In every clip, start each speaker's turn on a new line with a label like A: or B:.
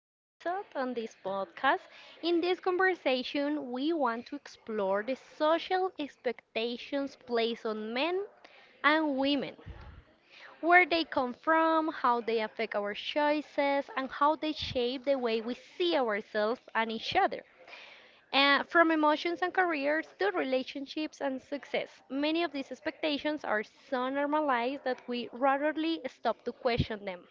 A: episode on this podcast. In this conversation, we want to explore the social expectations placed on men and women, where they come from, how they affect our choices, and how they shape the way we see ourselves and each other. From emotions and careers to relationships and success, many of these expectations are so normalized that we rarely stop to question them.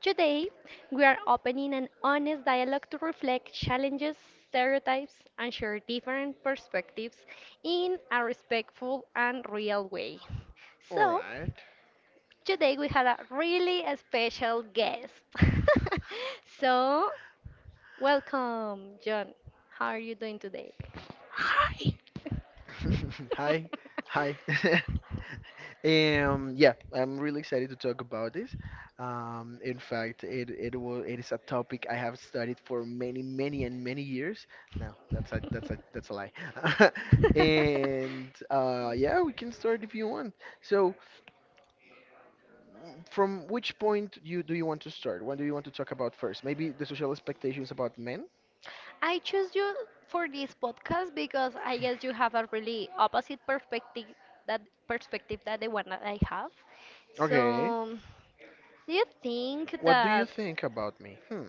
A: Today, we are opening an honest dialogue to reflect challenges, stereotypes, and share different perspectives in a respectful and real way.
B: All
A: So,
B: right.
A: today we have a really special guest. so, Welcome, John. How are you doing today?
B: Hi, hi. Yeah, I'm really excited to talk about this. In fact, it is a topic I have studied for many, many and many years. No, that's a lie. And yeah, we can start if you want. So, from which point you do you want to start? What do you want to talk about first? Maybe the social expectations about men?
A: I choose you for this podcast because I guess you have a really opposite that perspective that the one that I have.
B: Okay.
A: So, do you think
B: What do you
A: that
B: think about me? Hmm.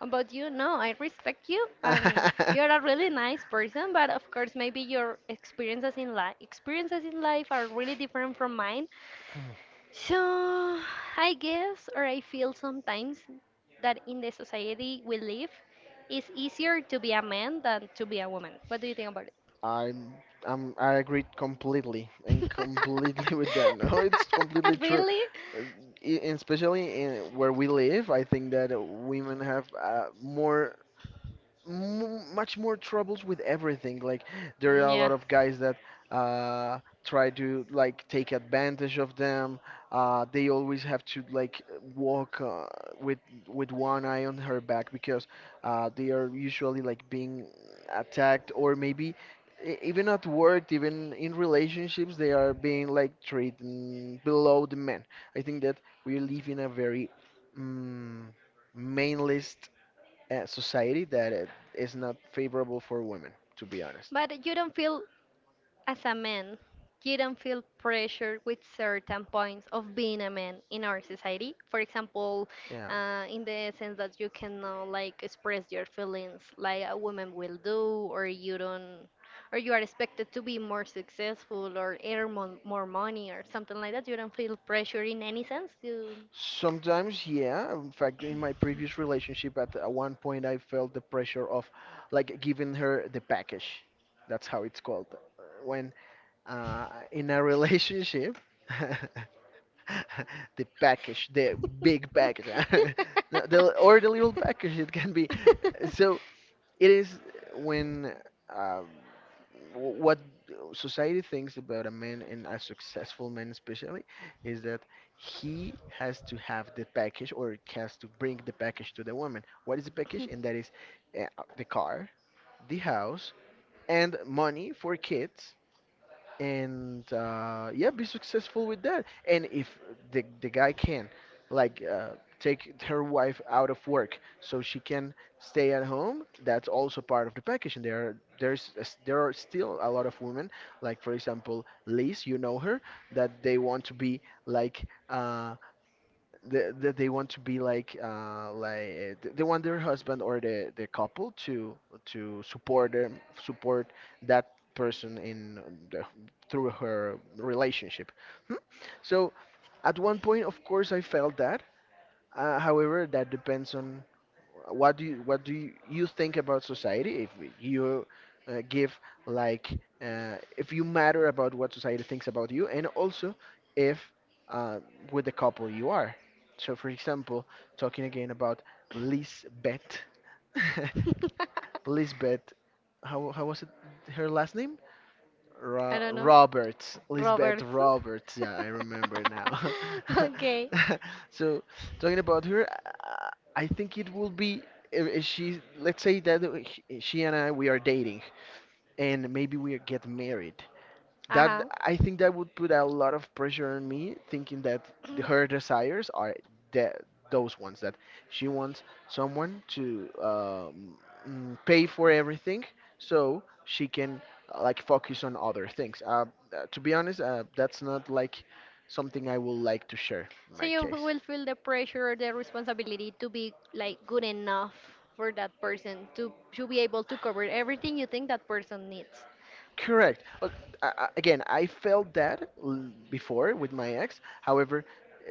A: about you? No, I respect you, and you're a really nice person. But of course, maybe your experiences in life are really different from mine. So, I guess, or I feel sometimes that in the society we live, it's easier to be a man than to be a woman. What do you think about it?
B: I'm, I agree completely and completely with that. No, it's completely true.
A: Really?
B: Uh, e- and Especially in where we live, I think that women have more much more troubles with everything. Like there are
A: Mm,
B: a lot
A: yeah.
B: of guys that try to like take advantage of them. They always have to like walk with with one eye on her back because they are usually like being attacked or maybe. Even at work, even in relationships, they are being like treated below the men. I think that we live in a very mm, mainless society that it is not favorable for women, to be honest.
A: But you don't feel as a man, you don't feel pressure with certain points of being a man in our society. For example,
B: Yeah.
A: in the sense that you cannot like express your feelings like a woman will do, or you don't, or you are expected to be more successful or earn mon more money or something like that. You don't feel pressure in any sense. You.
B: Sometimes, yeah. In fact, in my previous relationship, at one point, I felt the pressure of like giving her the package. That's how it's called. When in a relationship, the package, the big package, no, the, or the little package. It can be. So it is when um, what society thinks about a man and a successful man especially is that he has to have the package or has to bring the package to the woman. What is the package? And that is uh, the car, the house, and money for kids and yeah, be successful with that. And if the guy can, like, take her wife out of work so she can stay at home, that's also part of the package. And there's there are still a lot of women, like for example Liz, you know her, that they want to be like. They want to be like they want their husband or the couple to support that person in the, through her relationship. Hmm? So at one point, of course, I felt that, however, that depends on what do you think about society. If you give like, if you matter about what society thinks about you, and also if uh, with the couple you are. So, for example, talking again about Lisbeth, Lisbeth, how was it her last name?
A: I don't know.
B: Roberts, Lisbeth
A: Roberts.
B: Roberts. Yeah, I remember now.
A: Okay.
B: So talking about her, I think it will be if she. Let's say that she and I we are dating, and maybe we get married.
A: Uh
B: That
A: huh.
B: I think that would put a lot of pressure on me, thinking that her desires are the, those ones that she wants someone to pay for everything, so she can like focus on other things. To be honest, that's not like something I would like to share in
A: So
B: my
A: you
B: case.
A: will feel the pressure or the responsibility to be like good enough for that person to be able to cover everything you think that person needs.
B: Correct. Well, again, I felt that before with my ex. However,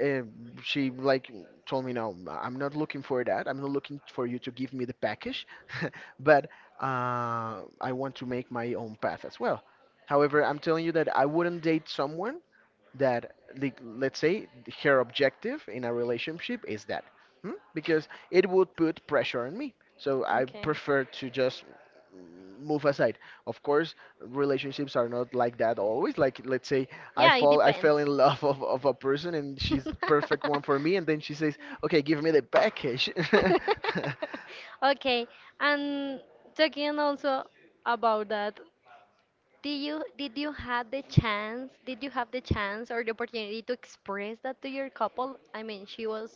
B: uh, she like told me, "No, I'm not looking for that. I'm not looking for you to give me the package, but I want to make my own path as well." However, I'm telling you that I wouldn't date someone that, like, let's say her objective in a relationship is that, hmm? Because it would put pressure on me, so I
A: Okay.
B: prefer to just move aside. Of course relationships are not like that always. Like let's say I
A: Yeah, it
B: fall I
A: depends.
B: fell in love of a person and she's perfect one for me, and then she says, "Okay, give me the package."
A: Okay, and talking also about that, did you have the chance? Did you have the chance or the opportunity to express that to your couple? I mean, she was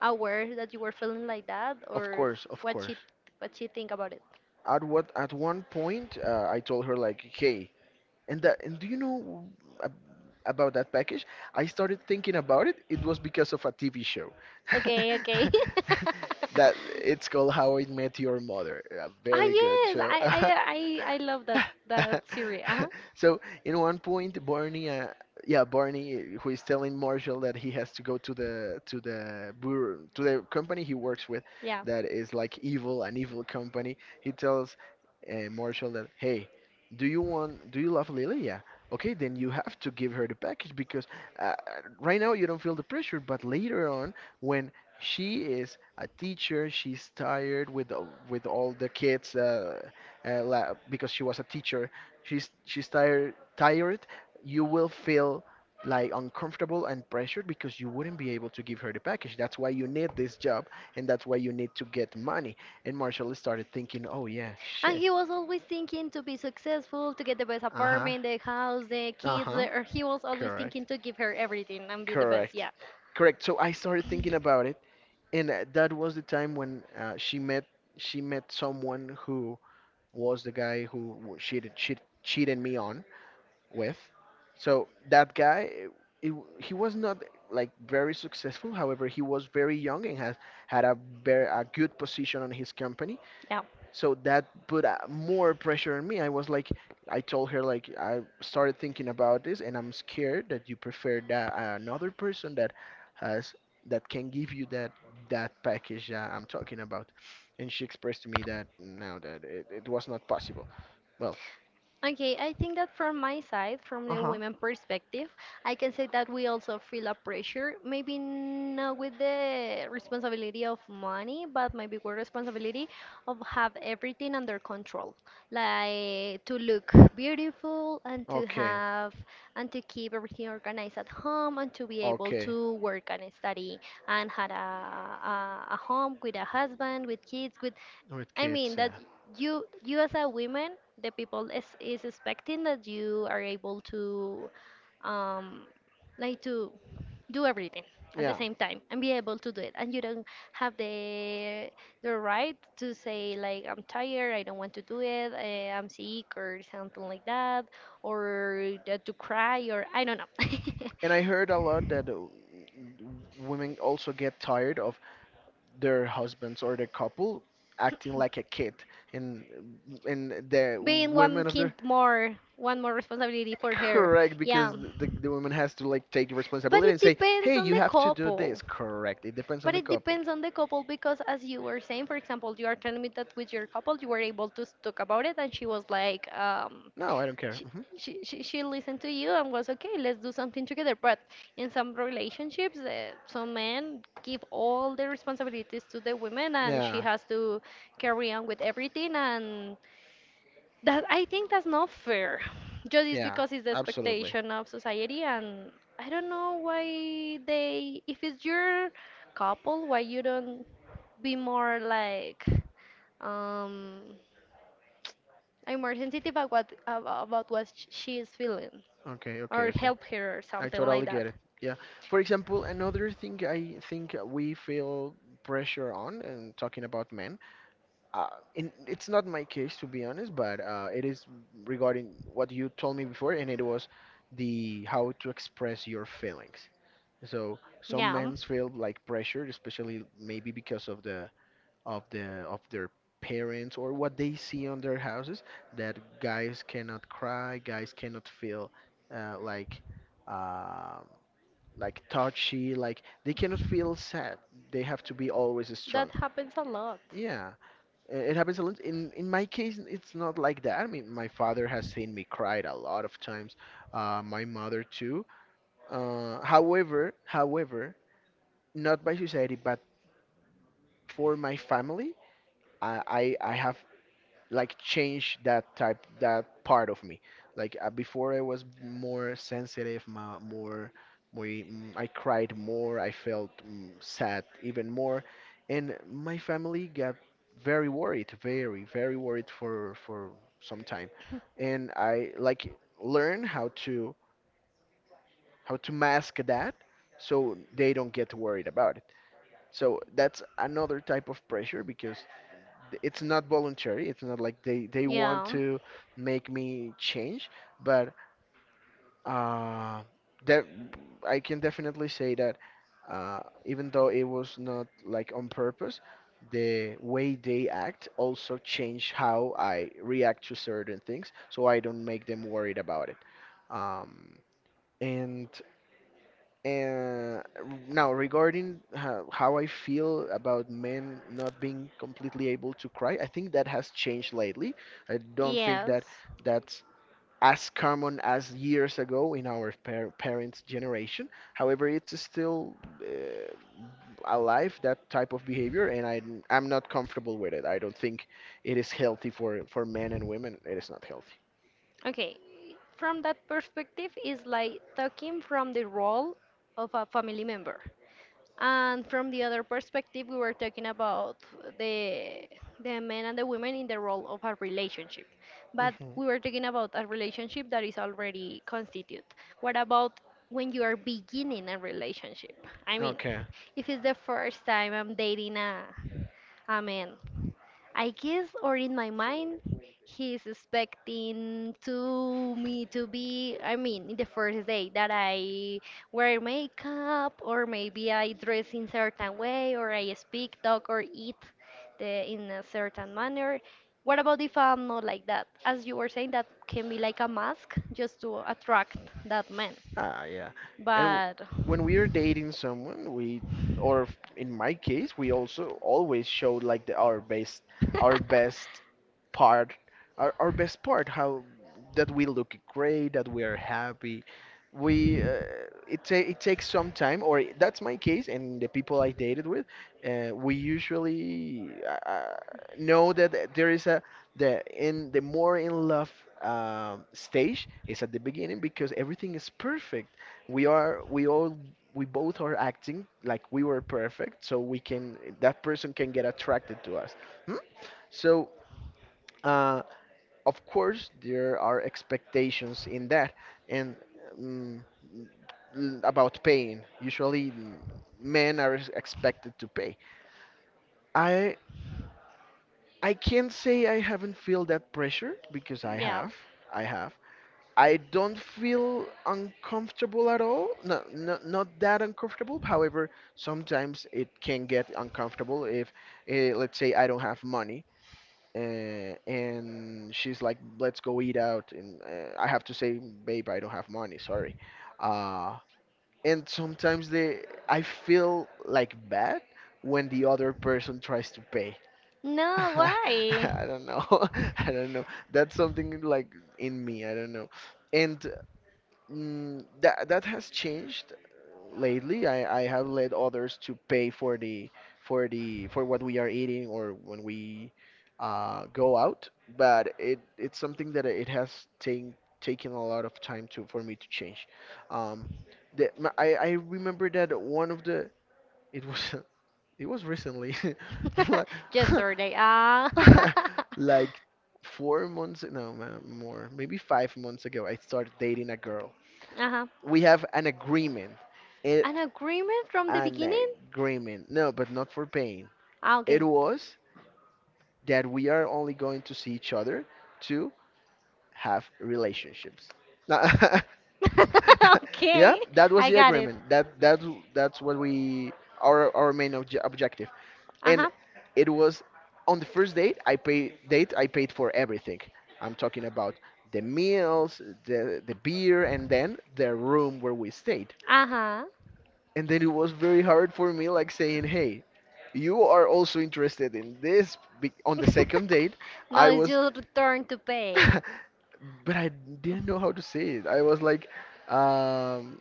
A: aware that you were feeling like that,
B: Of
A: or
B: course, of
A: what
B: course,
A: she what she think about it?
B: at one point I told her like, hey, and do you know ab- about that package? I started thinking about it. It was because of a TV show.
A: Okay, okay.
B: That, it's called How I Met Your Mother. A
A: ah
B: very good
A: yes,
B: show.
A: I I I I love that series. Uh huh.
B: So, in one point, Barney, yeah, Barney, who is telling Marshall that he has to go to the brewer, to the company he works with,
A: Yeah.
B: that is like evil, an evil company. He tells Marshall that, hey, do you want? Do you love Lilia? Okay, then you have to give her the package because, uh, right now you don't feel the pressure, but later on, when she is a teacher, she's tired with with all the kids, because she was a teacher. She's tired, tired. You will feel like uncomfortable and pressured because you wouldn't be able to give her the package. That's why you need this job, and that's why you need to get money. And Marshall started thinking, oh yeah,
A: And
B: shit.
A: he was always thinking to be successful, to get the best
B: Uh-huh.
A: apartment, the house, the kids.
B: Uh-huh.
A: Or he was always
B: Correct.
A: thinking to give her everything and be the best.
B: Correct.
A: Yeah,
B: Correct. So I started thinking about it, and that was the time when she met someone who was the guy who cheated me on with. So that guy, he was not like very successful. However, he was very young and has had a very a good position on his company,
A: yeah.
B: so that put more pressure on me. I was like, I told her, like, I started thinking about this and I'm scared that you prefer that another person that has, that can give you that package that I'm talking about. And she expressed to me that no, that it was not possible. Well,
A: Okay, I think that from my side, from the
B: uh-huh.
A: women perspective, I can say that we also feel a pressure, maybe not with the responsibility of money, but maybe with responsibility of have everything under control, like to look beautiful and to
B: Okay,
A: have, and to keep everything organized at home and to be able
B: okay.
A: to work and study, and had a home with a husband, with kids, with,
B: With
A: I
B: kids,
A: mean, that
B: yeah.
A: you as a woman, the people is expecting that you are able to um like to do everything at the
B: Yeah.
A: same time and be able to do it, and you don't have the right to say like, I'm tired, I don't want to do it, I'm sick or something like that, or that to cry, or I don't know.
B: And I heard a lot that women also get tired of their husbands or the couple acting like a kid. And the
A: Being one
B: women of their,
A: kid more, one more responsibility for her.
B: correct, because
A: Yeah.
B: the woman has to like take
A: But
B: responsibility and
A: it
B: say,
A: depends
B: hey,
A: on
B: you
A: the
B: have to do this.
A: couple.
B: Correct. It depends on
A: But
B: the
A: it
B: couple.
A: depends on the couple because, as you were saying, for example, you are telling me that with your couple you were able to s- talk about it, and she was like,
B: No, I don't care.
A: she,
B: Hmm.
A: she listened to you, and was okay, let's do something together. But in some relationships, some men give all the responsibilities to the women, and she
B: Yeah,
A: has to carry on with everything, and that, I think, that's not fair. Just is
B: yeah,
A: because it's the
B: absolutely.
A: expectation of society, and I don't know why they. If it's your couple, why you don't be more like, um, I'm more sensitive about about she is feeling,
B: Okay, okay,
A: or
B: okay.
A: help her or
B: I
A: something like
B: totally
A: that.
B: get it. Yeah. For example, another thing I think we feel pressure on, and talking about men, uh, in, it's not my case to be honest, but it is regarding what you told me before, and it was the how to express your feelings. So some
A: Yeah,
B: men feel like pressure, especially maybe because of the of their parents or what they see on their houses, that guys cannot cry, guys cannot feel like, um like, touchy, like they cannot feel sad. They have to be always
A: that
B: strong.
A: happens a lot.
B: Yeah, it happens a lot. In my case, it's not like that. I mean, my father has seen me cried a lot of times. My mother too. However, not by society, but for my family, I have like change that type, that part of me. Like before I was more sensitive, more more, I cried more, I felt sad even more, and my family got very worried, very worried for some time. And I like learn how to mask that so they don't get worried about it. So that's another type of pressure, because it's not voluntary, it's not like they want
A: Yeah.
B: to make me change, but uh that I can definitely say that, uh even though it was not like on purpose, the way they act also change how I react to certain things, so I don't make them worried about it. Um and uh, Now, regarding how I feel about men not being completely able to cry, I think that has changed lately. I don't think that
A: Yes.
B: that's as common as years ago in our parents' generation. However, it's still uh, alive, that type of behavior, and I'm not comfortable with it. I don't think it is healthy for men and women. It is not healthy.
A: Okay. From that perspective, is like talking from the role of a family member. And from the other perspective, we were talking about the the men and the women in the role of a relationship. But
B: Hmm.
A: we were talking about a relationship that is already constituted. What about when you are beginning a relationship? I mean,
B: Okay.
A: if it's the first time I'm dating a man, I guess, or in my mind, he's expecting to me to be, I mean, in the first day that I wear makeup, or maybe I dress in certain way, or I speak, talk, or eat, in a certain manner. What about if I'm not like that? As you were saying, that can be like a mask just to attract that man.
B: Ah, yeah. And w-
A: But
B: when we are dating someone, we, in my case, we also always show like our best part, our best part, how that we look great, that we are happy. We, it takes some time, or that's my case, and the people I dated with, we usually know that there is a the in the more in love stage is at the beginning because everything is perfect. We are we all we both are acting like we were perfect, so we can that person can get attracted to us. Hmm? So uh, of course there are expectations in that and. Um, about paying. Usually, men are expected to pay. I I can't say I haven't felt that pressure because I
A: yeah.
B: have. I have. I don't feel uncomfortable at all. No, no, not that uncomfortable. However, sometimes it can get uncomfortable if, let's say, I don't have money, and she's like, "Let's go eat out," and I have to say, "Babe, I don't have money. Sorry." Uh, and sometimes they, I feel bad when the other person tries to pay.
A: No, why?
B: I don't know. I don't know. That's something like in me. I don't know. And Mm, that that has changed lately. I have let others to pay for the for the for what we are eating or when we go out, but it's something that it has taken a lot of time to for me to change. Um, I remember that one of the it was it was recently like
A: Just sorry. Ah.
B: like 4 months no ma- more maybe 5 months ago I started dating a girl.
A: Uh-huh.
B: We have an agreement. It,
A: An agreement from the
B: an
A: beginning?
B: agreement. No, but not for paying.
A: Ah, okay.
B: It was that we are only going to see each other to have relationships. Now- yeah,
A: Okay.
B: that was
A: I
B: the
A: got it.
B: agreement. That's what we our main objective. And
A: Uh-huh.
B: it was on the first date I pay date I paid for everything. I'm talking about the meals, the beer, and then the room where we stayed.
A: Uh-huh.
B: And then it was very hard for me, like, saying, "Hey, you are also interested in this." On the second date,
A: Now
B: I
A: it's
B: was
A: your turn to pay.
B: but I didn't know how to say it. I was like, um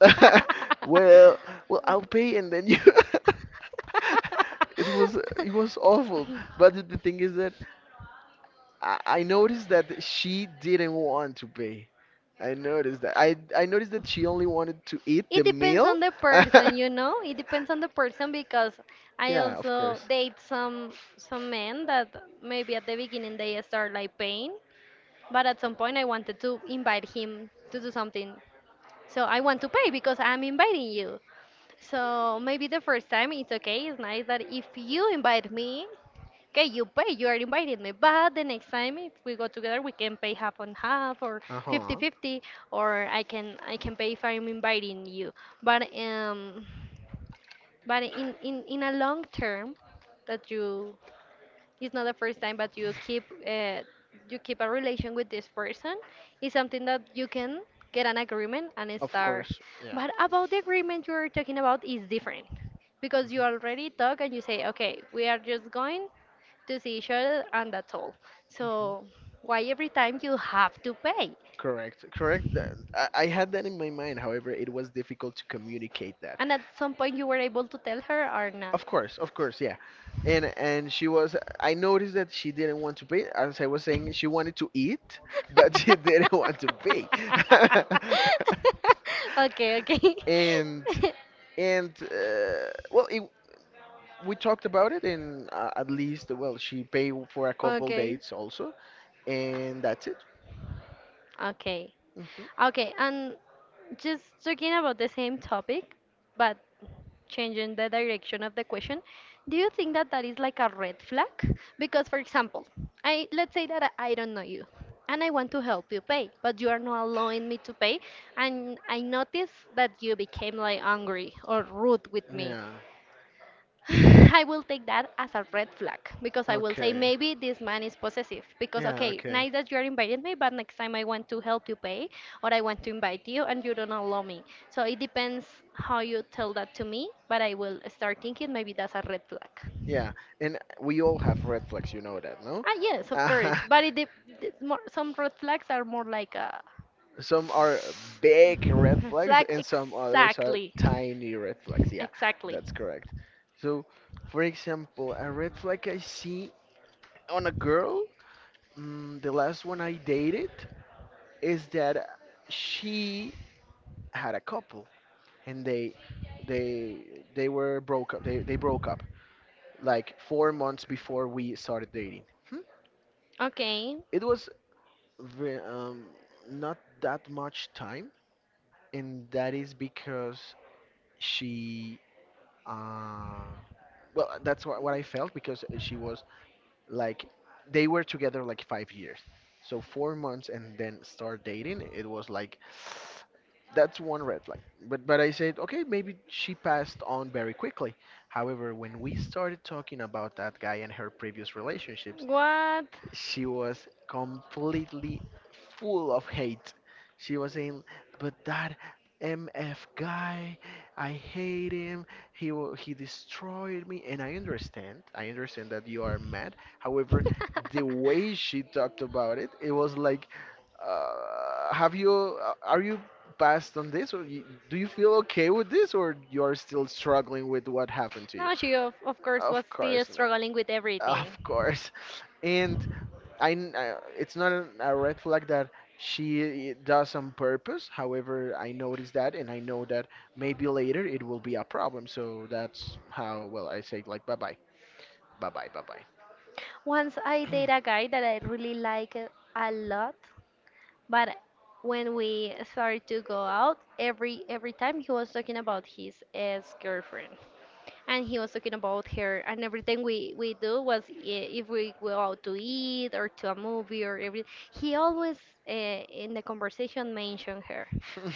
B: well, I'll pay and then you it was it was awful, but the thing is that I noticed that she didn't want to pay. I noticed that. I noticed that she only wanted to eat the
A: It depends
B: meal.
A: on the person. It depends on the person because I
B: Yeah, of
A: also
B: course.
A: date some men that maybe at the beginning they start like paying, but at some point I wanted to invite him to do something. So I want to pay because I'm inviting you. So maybe the first time it's okay, it's nice that if you invite me, okay, you pay, you are inviting me, but the next time if we go together, we can pay half on half or
B: Uh-huh.
A: fifty-fifty, or I can pay if I'm inviting you. But in a long term, that you it's not the first time, but you keep a relation with this person, it's something that you can get an agreement and
B: Of
A: start,
B: course. Yeah.
A: but about the agreement you're talking about is different because you already talk and you say, okay, we are just going to see each other and that's all.
B: Hmm.
A: So why every time you have to pay?
B: Correct. Correct. I had that in my mind. However, it was difficult to communicate that.
A: And at some point you were able to tell her or not?
B: Of course, yeah. And she was I noticed that she didn't want to pay. As I was saying, she wanted to eat, but she didn't want to pay.
A: Okay, okay.
B: And and we talked about it and at least, well, she paid for a couple
A: Okay.
B: dates also, and that's it.
A: Okay.
B: Hmm.
A: Okay, and just talking about the same topic, but changing the direction of the question, do you think that that is like a red flag? Because for example, I let's say that I don't know you and I want to help you pay, but you are not allowing me to pay, and I notice that you became like angry or rude with me.
B: Yeah.
A: I will take that as a red flag, because I will say,
B: Okay.
A: maybe this man is possessive. Because,
B: Yeah,
A: okay,
B: okay.
A: nice that you're inviting me, but next time I want to help you pay, or I want to invite you and you don't allow me. So it depends how you tell that to me, but I will start thinking maybe that's a red flag.
B: Yeah, and we all have red flags, you know that, no?
A: Ah, yes, of course,
B: Uh,
A: but it's more, some red flags are more like a
B: some are big red
A: red
B: flags
A: flag,
B: and some others are
A: exactly,
B: tiny red flags. Yeah,
A: exactly.
B: that's correct. So, for example, a red flag I see on a girl, mm, the last one I dated, is that she had a couple and they they were broke up. They broke up like 4 months before we started dating. Hmm?
A: Okay.
B: It was ve- um, not that much time, and that is because she uh well, that's what I felt, because she was like they were together like 5 years, so 4 months and then start dating. It was like that's one red flag, but I said, okay, maybe she passed on very quickly. However, when we started talking about that guy and her previous relationships,
A: What?
B: she was completely full of hate. She was saying, "But that MF guy, I hate him. He destroyed me." And I understand. I understand that you are mad. However, the way she talked about it, it was like, "Have you? Are you?" passed on this, or you, do you feel okay with this, or you're still struggling with what happened to you?
A: No, she of course
B: Of
A: was still
B: course not.
A: struggling with everything.
B: Of course. And it's not a red flag that she does on purpose. However, I noticed that, and I know that maybe later it will be a problem. So that's how, well, I say like bye bye, bye bye, bye bye.
A: Once I date a guy that I really like a lot, but when we started to go out, every time he was talking about his ex-girlfriend. And he was talking about her, and everything we do if we go out to eat or to a movie or every he always in the conversation mentioned her.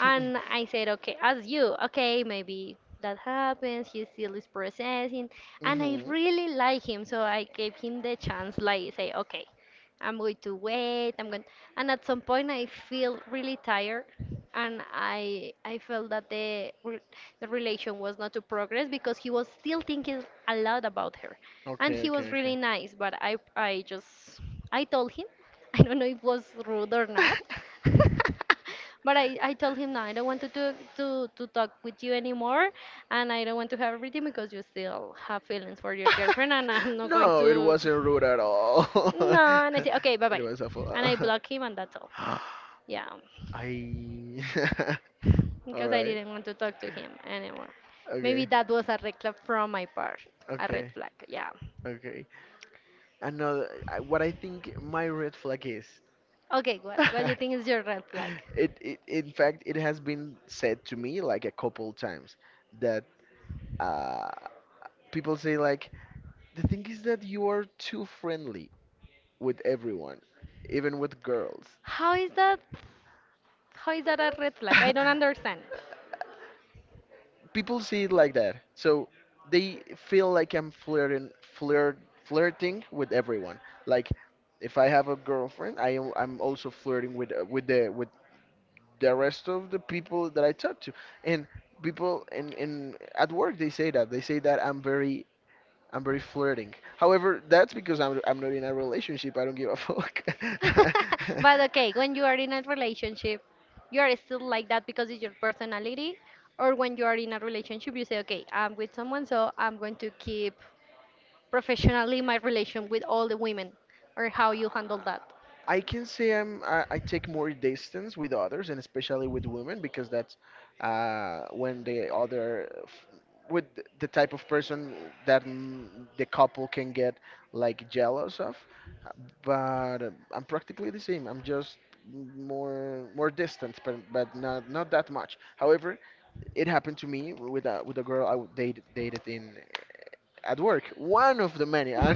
A: And I said, okay, as you okay, maybe that happens, he still is processing, and I
B: Hmm.
A: really like him, so I gave him the chance, like, say okay, I'm going to wait, I'm going and at some point I feel really tired, and I felt that the relation was not to progress because he was still thinking a lot about her. And
B: Okay,
A: he
B: okay,
A: was
B: okay.
A: really nice, but I just I told him, I don't know if it was rude or not. But I told him, no, I don't want to, do, to talk with you anymore, and I don't want to have everything because you still have feelings for your girlfriend, and I'm not going
B: No, it
A: to.
B: wasn't rude at all.
A: No, and I said, okay, bye
B: It
A: bye,
B: was awful.
A: and I block him, and that's all.
B: I.
A: Yeah,
B: All
A: because I
B: right.
A: didn't want to talk to him anymore. Maybe
B: Okay.
A: that was a red flag from my part. A red
B: Okay.
A: flag, yeah.
B: Okay. Another. What I think my red flag is.
A: Okay, what do you think is your red flag?
B: It, in fact, it has been said to me like a couple times that uh people say like, the thing is that you are too friendly with everyone, even with girls.
A: How is that how is that a red flag? I don't understand.
B: People see it like that, so they feel like I'm flirting with everyone. Like, if I have a girlfriend, I'm also flirting with with the rest of the people that I talk to. And people in at work, they say that I'm very flirting. However, that's because I'm not in a relationship. I don't give a fuck.
A: But okay, when you are in a relationship, you are still like that because it's your personality, or when you are in a relationship, you say, okay, I'm with someone, so I'm going to keep professionally my relation with all the women, or how you handle that.
B: I can say I take more distance with others and especially with women because that's when the other f- with th- the type of person that the couple can get like jealous of. Uh, But I'm practically the same. I'm just more distant, but not that much. However, it happened to me with a girl dated in at work, one of the many,
A: And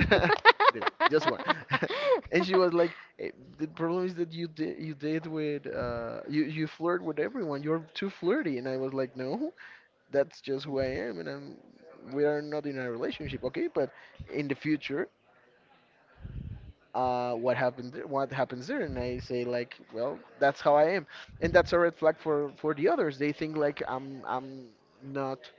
B: Just one. And she was like, "Eh, the problem is that you did with you flirt with everyone. You're too flirty." And I was like, "No, that's just who I am, and I'm we are not in a relationship, okay? But in the future." What happens there? And I say like, well, that's how I am, and that's a red flag for the others. They think like I'm not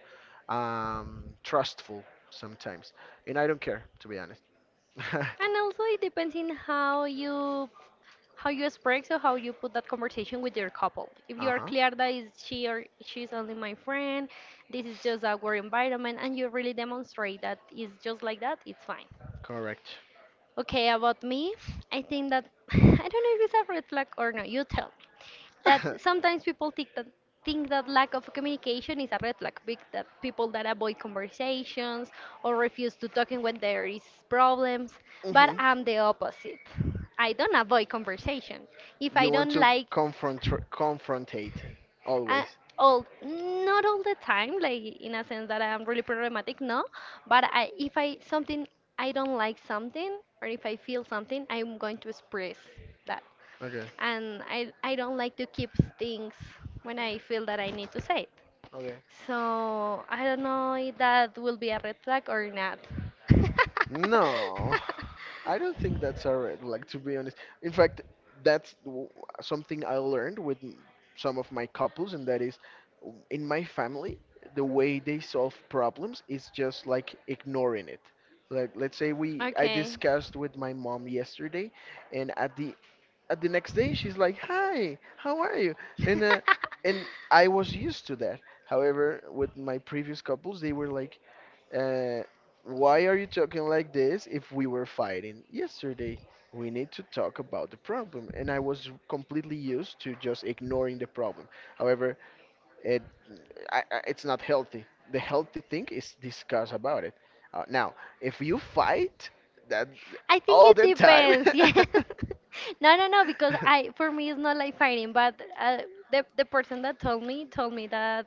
B: trustful sometimes, and I don't care, to be honest. Uh-huh.
A: also it depends in how you express or how you put that conversation with your couple. If you are clear that is she or she's only my friend, this is just our work environment, and you really demonstrate that it's just like that, it's fine.
B: Correct.
A: Okay, about me, I think that I don't know if it's a red flag or not, you tell. That sometimes people think that lack of communication is a red flag big, that people that avoid conversations or refuse to talking when there is problems. But
B: Hmm.
A: I'm the opposite. I don't avoid conversation if I
B: You want
A: don't
B: to
A: like.
B: confront confrontate
A: uh,
B: always.
A: all, not all the time, like in a sense that I'm really problematic, no, but I if I something, I don't like something, or if I feel something, I'm going to express that.
B: Okay.
A: And I don't like to keep things when I feel that I need to say it.
B: Okay.
A: So I don't know if that will be a red flag or not.
B: No, I don't think that's a red flag, to be honest. In fact, that's something I learned with some of my couples, and that is in my family, the way they solve problems is just like ignoring it. Like, let's say I
A: Okay.
B: discussed with my mom yesterday, and at the next day, she's like, "Hi, how are you?" And uh, and I was used to that. However, with my previous couples, they were like, uh, why are you talking like this if we were fighting yesterday? We need to talk about the problem. And I was completely used to just ignoring the problem. However, it, it's not healthy. The healthy thing is discuss about it. Now, if you fight that
A: I think
B: all
A: it
B: the time,
A: depends. Yeah. No, no, no, because I, for me it's not like fighting, but uh, the person that told me that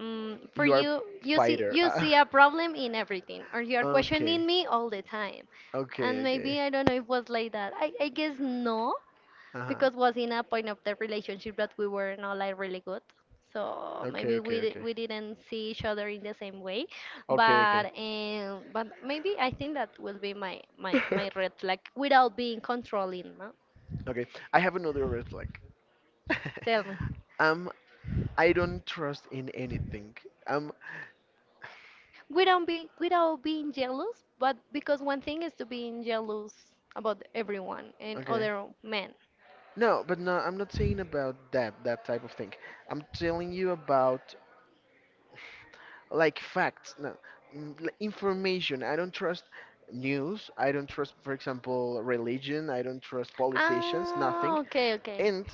A: for
B: you are
A: you,
B: fighter.
A: you see a problem in everything, or you're questioning
B: Okay,
A: me all the time. And
B: okay,
A: maybe
B: okay.
A: I don't know if it was like that. I guess no,
B: Uh-huh.
A: because was in a point of the relationship that we were not like really good, so
B: Okay,
A: maybe
B: okay, okay.
A: we didn't see each other in the same way. Okay.
B: Okay,
A: But
B: okay.
A: but maybe I think that will be my my red flag, without being controlling, no?
B: Okay, I have another red flag.
A: Tell me.
B: um, I don't trust in anything. Um,
A: Without be without being jealous. But because one thing is to being jealous about everyone and
B: okay.
A: other men.
B: No, but no, I'm not saying about that type of thing. I'm telling you about like facts. No, like information, I don't trust. News, I don't trust. For example, religion, I don't trust. Politicians,
A: Ah,
B: nothing.
A: okay, okay.
B: And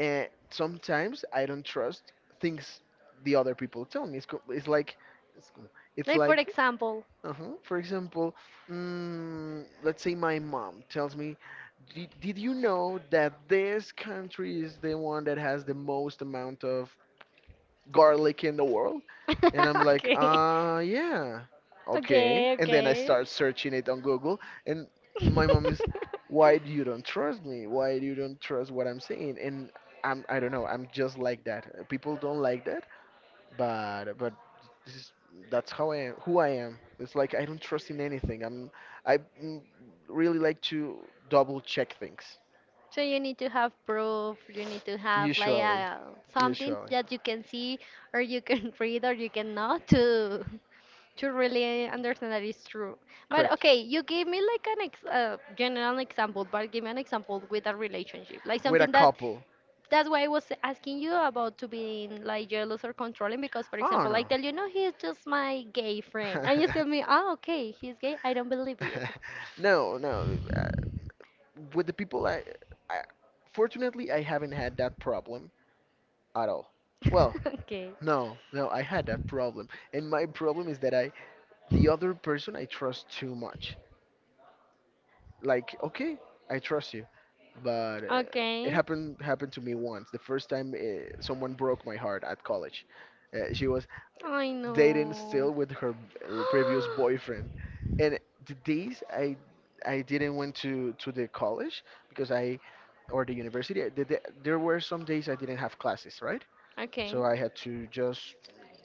B: uh, sometimes I don't trust things the other people tell me. It's, co- it's
A: Like, for
B: like
A: example.
B: uh-huh, for example, let's say my mom tells me, did you know that this country is the one that has the most amount of garlic in the world? And I'm like,
A: Okay.
B: yeah, okay. And then I start searching it on Google, and my mom is, why do you don't trust me? Why do you don't trust what I'm saying? And I don't know, I'm just like that. People don't like that, but this is, that's how I am, who I am. It's like I don't trust in anything. I mm, really like to double check things.
A: So you need to have proof, you need to have like,
B: Usually,
A: something
B: usually,
A: that you can see or you can read, or you cannot to really understand that it's true. But
B: correct.
A: okay, you gave me like an ex general example, but give me an example with a relationship, like
B: With a
A: something that.
B: couple.
A: That's why I was asking you about to being like jealous or controlling, because for
B: Oh,
A: example, I
B: no.
A: tell you, no, he's just my gay friend, and you tell me, oh, okay, he's gay, I don't believe you.
B: No, no. With the people, I, fortunately, I haven't had that problem at all. Well,
A: Okay.
B: no, no, I had that problem, and my problem is that the other person, I trust too much. Like, okay, I trust you, but it
A: Okay.
B: happened to me once. The first time someone broke my heart at college, she was
A: I
B: dating
A: know.
B: still with her previous boyfriend, and the days I didn't went to the college because I or the university, the, there were some days I didn't have classes, right?
A: Okay.
B: So I had to just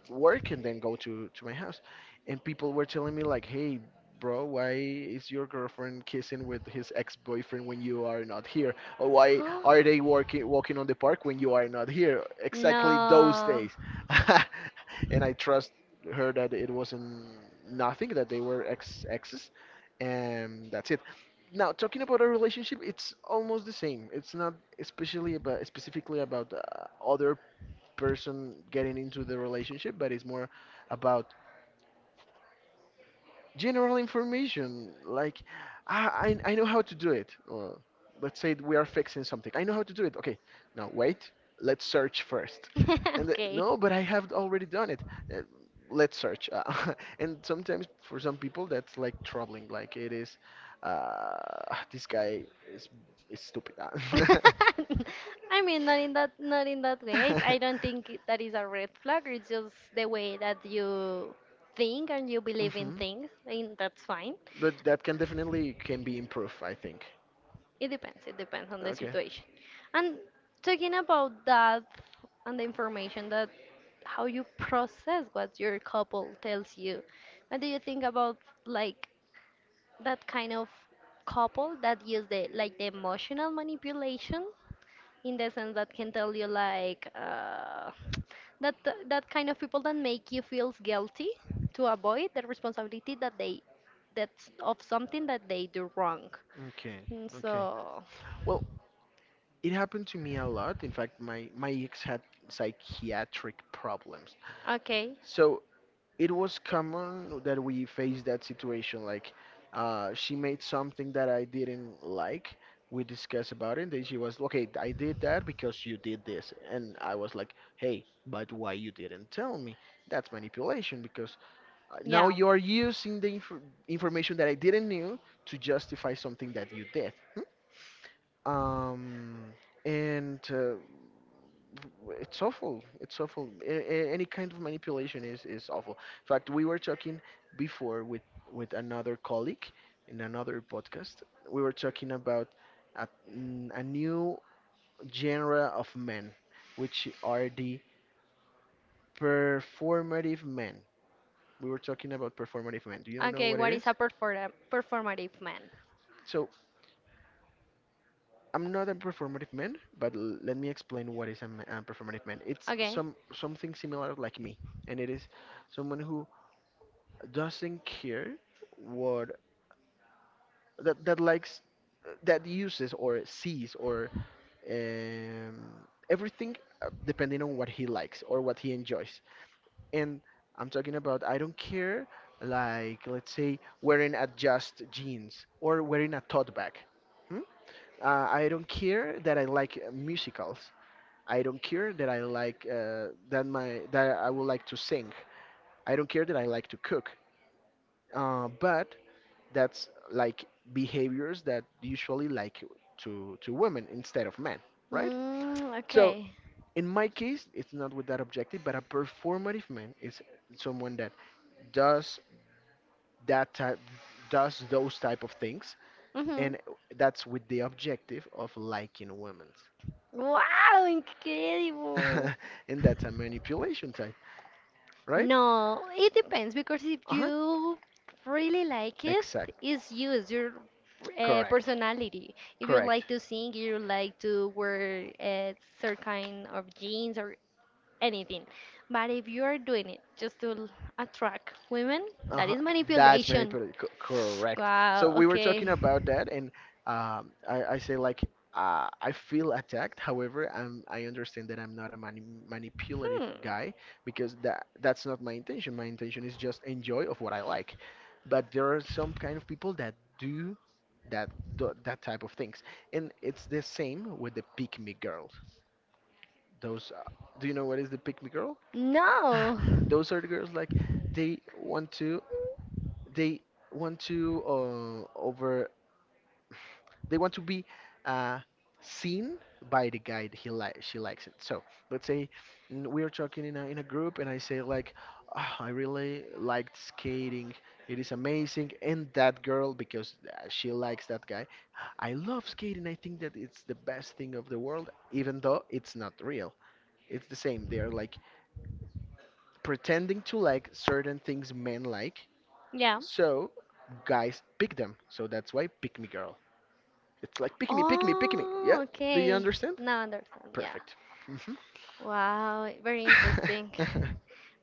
B: work and then go to my house. And people were telling me like, "Hey, bro, why is your girlfriend kissing with his ex-boyfriend when you are not here? Or why are they working walking on the park when you are not here?" Exactly those
A: No.
B: days. And I trust her that it wasn't nothing, that they were ex exes, and that's it. Now, talking about our relationship, it's almost the same. It's not especially about specifically about other person getting into the relationship, but it's more about general information. Like, I know how to do it. Or let's say we are fixing something. I know how to do it. Okay, now wait. Let's search first. And the,
A: okay.
B: no, but I have already done it. Uh, let's search. And sometimes for some people that's like troubling. Like uh, this guy is is stupid.
A: I mean, not in that, not in that way. I don't think that is a red flag. It's just the way that you think and you believe in
B: Hmm
A: things, and that's fine.
B: But that can definitely can be improved, I think.
A: It depends. It depends on the
B: Okay.
A: situation. And talking about that, and the information that, how you process what your couple tells you, what do you think about, like, that kind of couple that use the, like, the emotional manipulation, in the sense that can tell you like, that, that kind of people that make you feel guilty to avoid the responsibility that they, that's of something that they do wrong.
B: Okay,
A: Mm.
B: okay.
A: So
B: Well, it happened to me a lot. In fact, my ex had psychiatric problems.
A: okay,
B: So it was common that we faced that situation. Like, she made something that I didn't like. We discussed about it. Then she was, okay, I did that because you did this. And I was like, hey, but why you didn't tell me? That's manipulation because
A: yeah.
B: now you are using the information that I didn't knew to justify something that you did. Hmm? And it's awful. It's awful. Any kind of manipulation is awful. In fact, we were talking before with another colleague in another podcast. We were talking about a, a new genre of men, which are the performative men. We were talking about performative men. Do you know
A: Okay,
B: what it
A: what
B: is?
A: is a performative man?
B: So I'm not a performative man, but let me explain what is a performative man. It's
A: Okay.
B: something similar like me, and it is someone who doesn't care what that likes, that uses or sees or everything depending on what he likes or what he enjoys. And I'm talking about I don't care, like let's say wearing a just jeans or wearing a tote bag. Hmm? I don't care that I like musicals. I don't care that I like that I would like to sing. I don't care that I like to cook. But that's like behaviors that usually like to women instead of men, right?
A: Mm,
B: So
A: okay.
B: in my case, it's not with that objective, but a performative man is someone that does that type does those type of things,
A: Hmm.
B: and that's with the objective of liking women.
A: Wow, incredible.
B: And that's a manipulation,
A: Right?
B: right?
A: No, it depends, because if
B: Uh-huh.
A: you really like it,
B: Exact.
A: it's you, it's your
B: Correct.
A: personality. If you
B: Correct.
A: like to sing, you like to wear a certain kind of jeans or anything. But if you are doing it just to attract women, that
B: Uh-huh.
A: is
B: That's
A: manipulation.
B: manipulative. Correct. So
A: Wow,
B: we were
A: okay.
B: talking about that, and I say like I feel attacked. However, I understand that I'm not a manipulative
A: Hmm.
B: guy because that's not my intention. My intention is just enjoy of what I like. But there are some kind of people that do that, do that type of things, and it's the same with the pick me girls. Those, uh, do you know what is the pick me girl?
A: No.
B: Those are the girls like
A: Like.
B: they want to, they want to they want to be uh, seen by the guy that he like, she likes it. So let's say we are talking in a group, and I say like, "Ah, I really liked skating. It is amazing." And that girl, because she likes that guy, "I love skating. I think that it's the best thing of the world," even though it's not real. It's the same. They are like pretending to like certain things men like.
A: Yeah, so.
B: So guys pick them. So that's why pick me girl. It's like pick me, pick me, pick me.
A: Oh,
B: Yeah?
A: yeah,
B: Do you
A: okay.
B: understand?
A: Now I understand. Yeah.
B: Perfect. hmm
A: Wow, very interesting.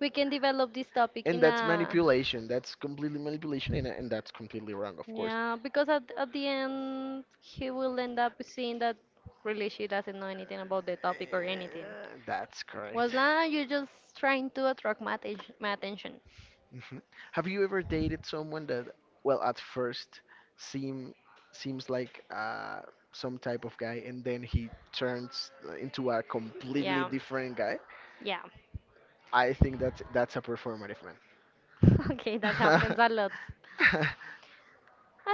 A: We can develop this topic
B: and
A: in
B: that's
A: a.
B: manipulation. That's completely manipulation, and that's completely wrong, of course.
A: Yeah, because at the end he will end up seeing that really she doesn't know anything about the
B: Eh,
A: topic or anything.
B: That's
A: Was
B: correct.
A: that you just trying to attract my, my attention?
B: Mhm. Have you ever dated someone that, well, at first seem seems like some type of guy, and then he turns into a completely
A: Yeah,
B: different guy?
A: yeah.
B: I think that that's a performative man.
A: Okay, that happens a lot.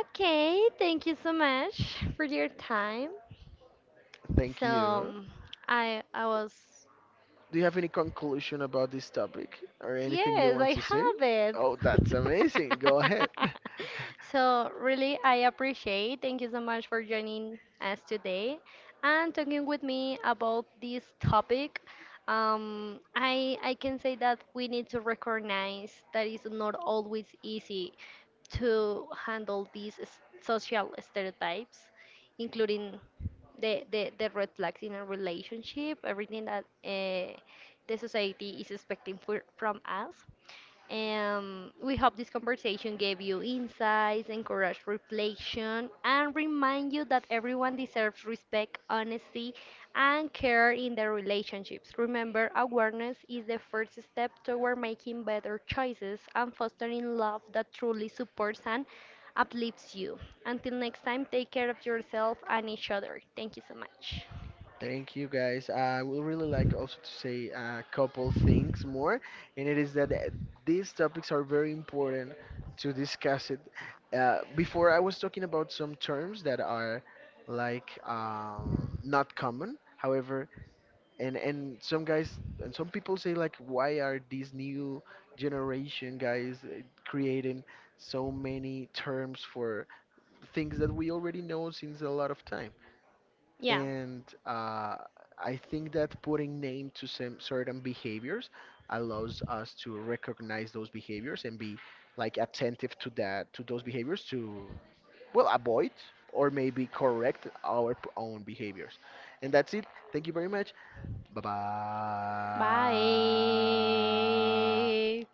A: Okay, thank you so much for your time.
B: Thank
A: So
B: you.
A: I was.
B: Do you have any conclusion about this topic or anything you
A: Yes,
B: want
A: I
B: to say?
A: have it.
B: Oh, that's amazing. Go ahead.
A: So, really, I appreciate. Thank you so much for joining us today and talking with me about this topic. I can say that we need to recognize that it's not always easy to handle these social stereotypes, including the the red flags in a relationship, everything that. The society is expecting for, from us. And we hope this conversation gave you insights, encouraged reflection, and remind you that everyone deserves respect, honesty, and care in their relationships. Remember, awareness is the first step toward making better choices and fostering love that truly supports and uplifts you. Until next time, take care of yourself and each other. Thank you so much.
B: Thank you, guys. I would really like also to say a couple things more, and it is that these topics are very important to discuss it. Before, I was talking about some terms that are like not common. However, and some guys and some people say like, why are these new generation guys creating so many terms for things that we already know since a lot of time?
A: Yeah.
B: And I think that putting name to some certain behaviors allows us to recognize those behaviors and be like attentive to that, to those behaviors, to well avoid or maybe correct our own behaviors. And that's it. Thank you very much. Bye bye.
A: Bye.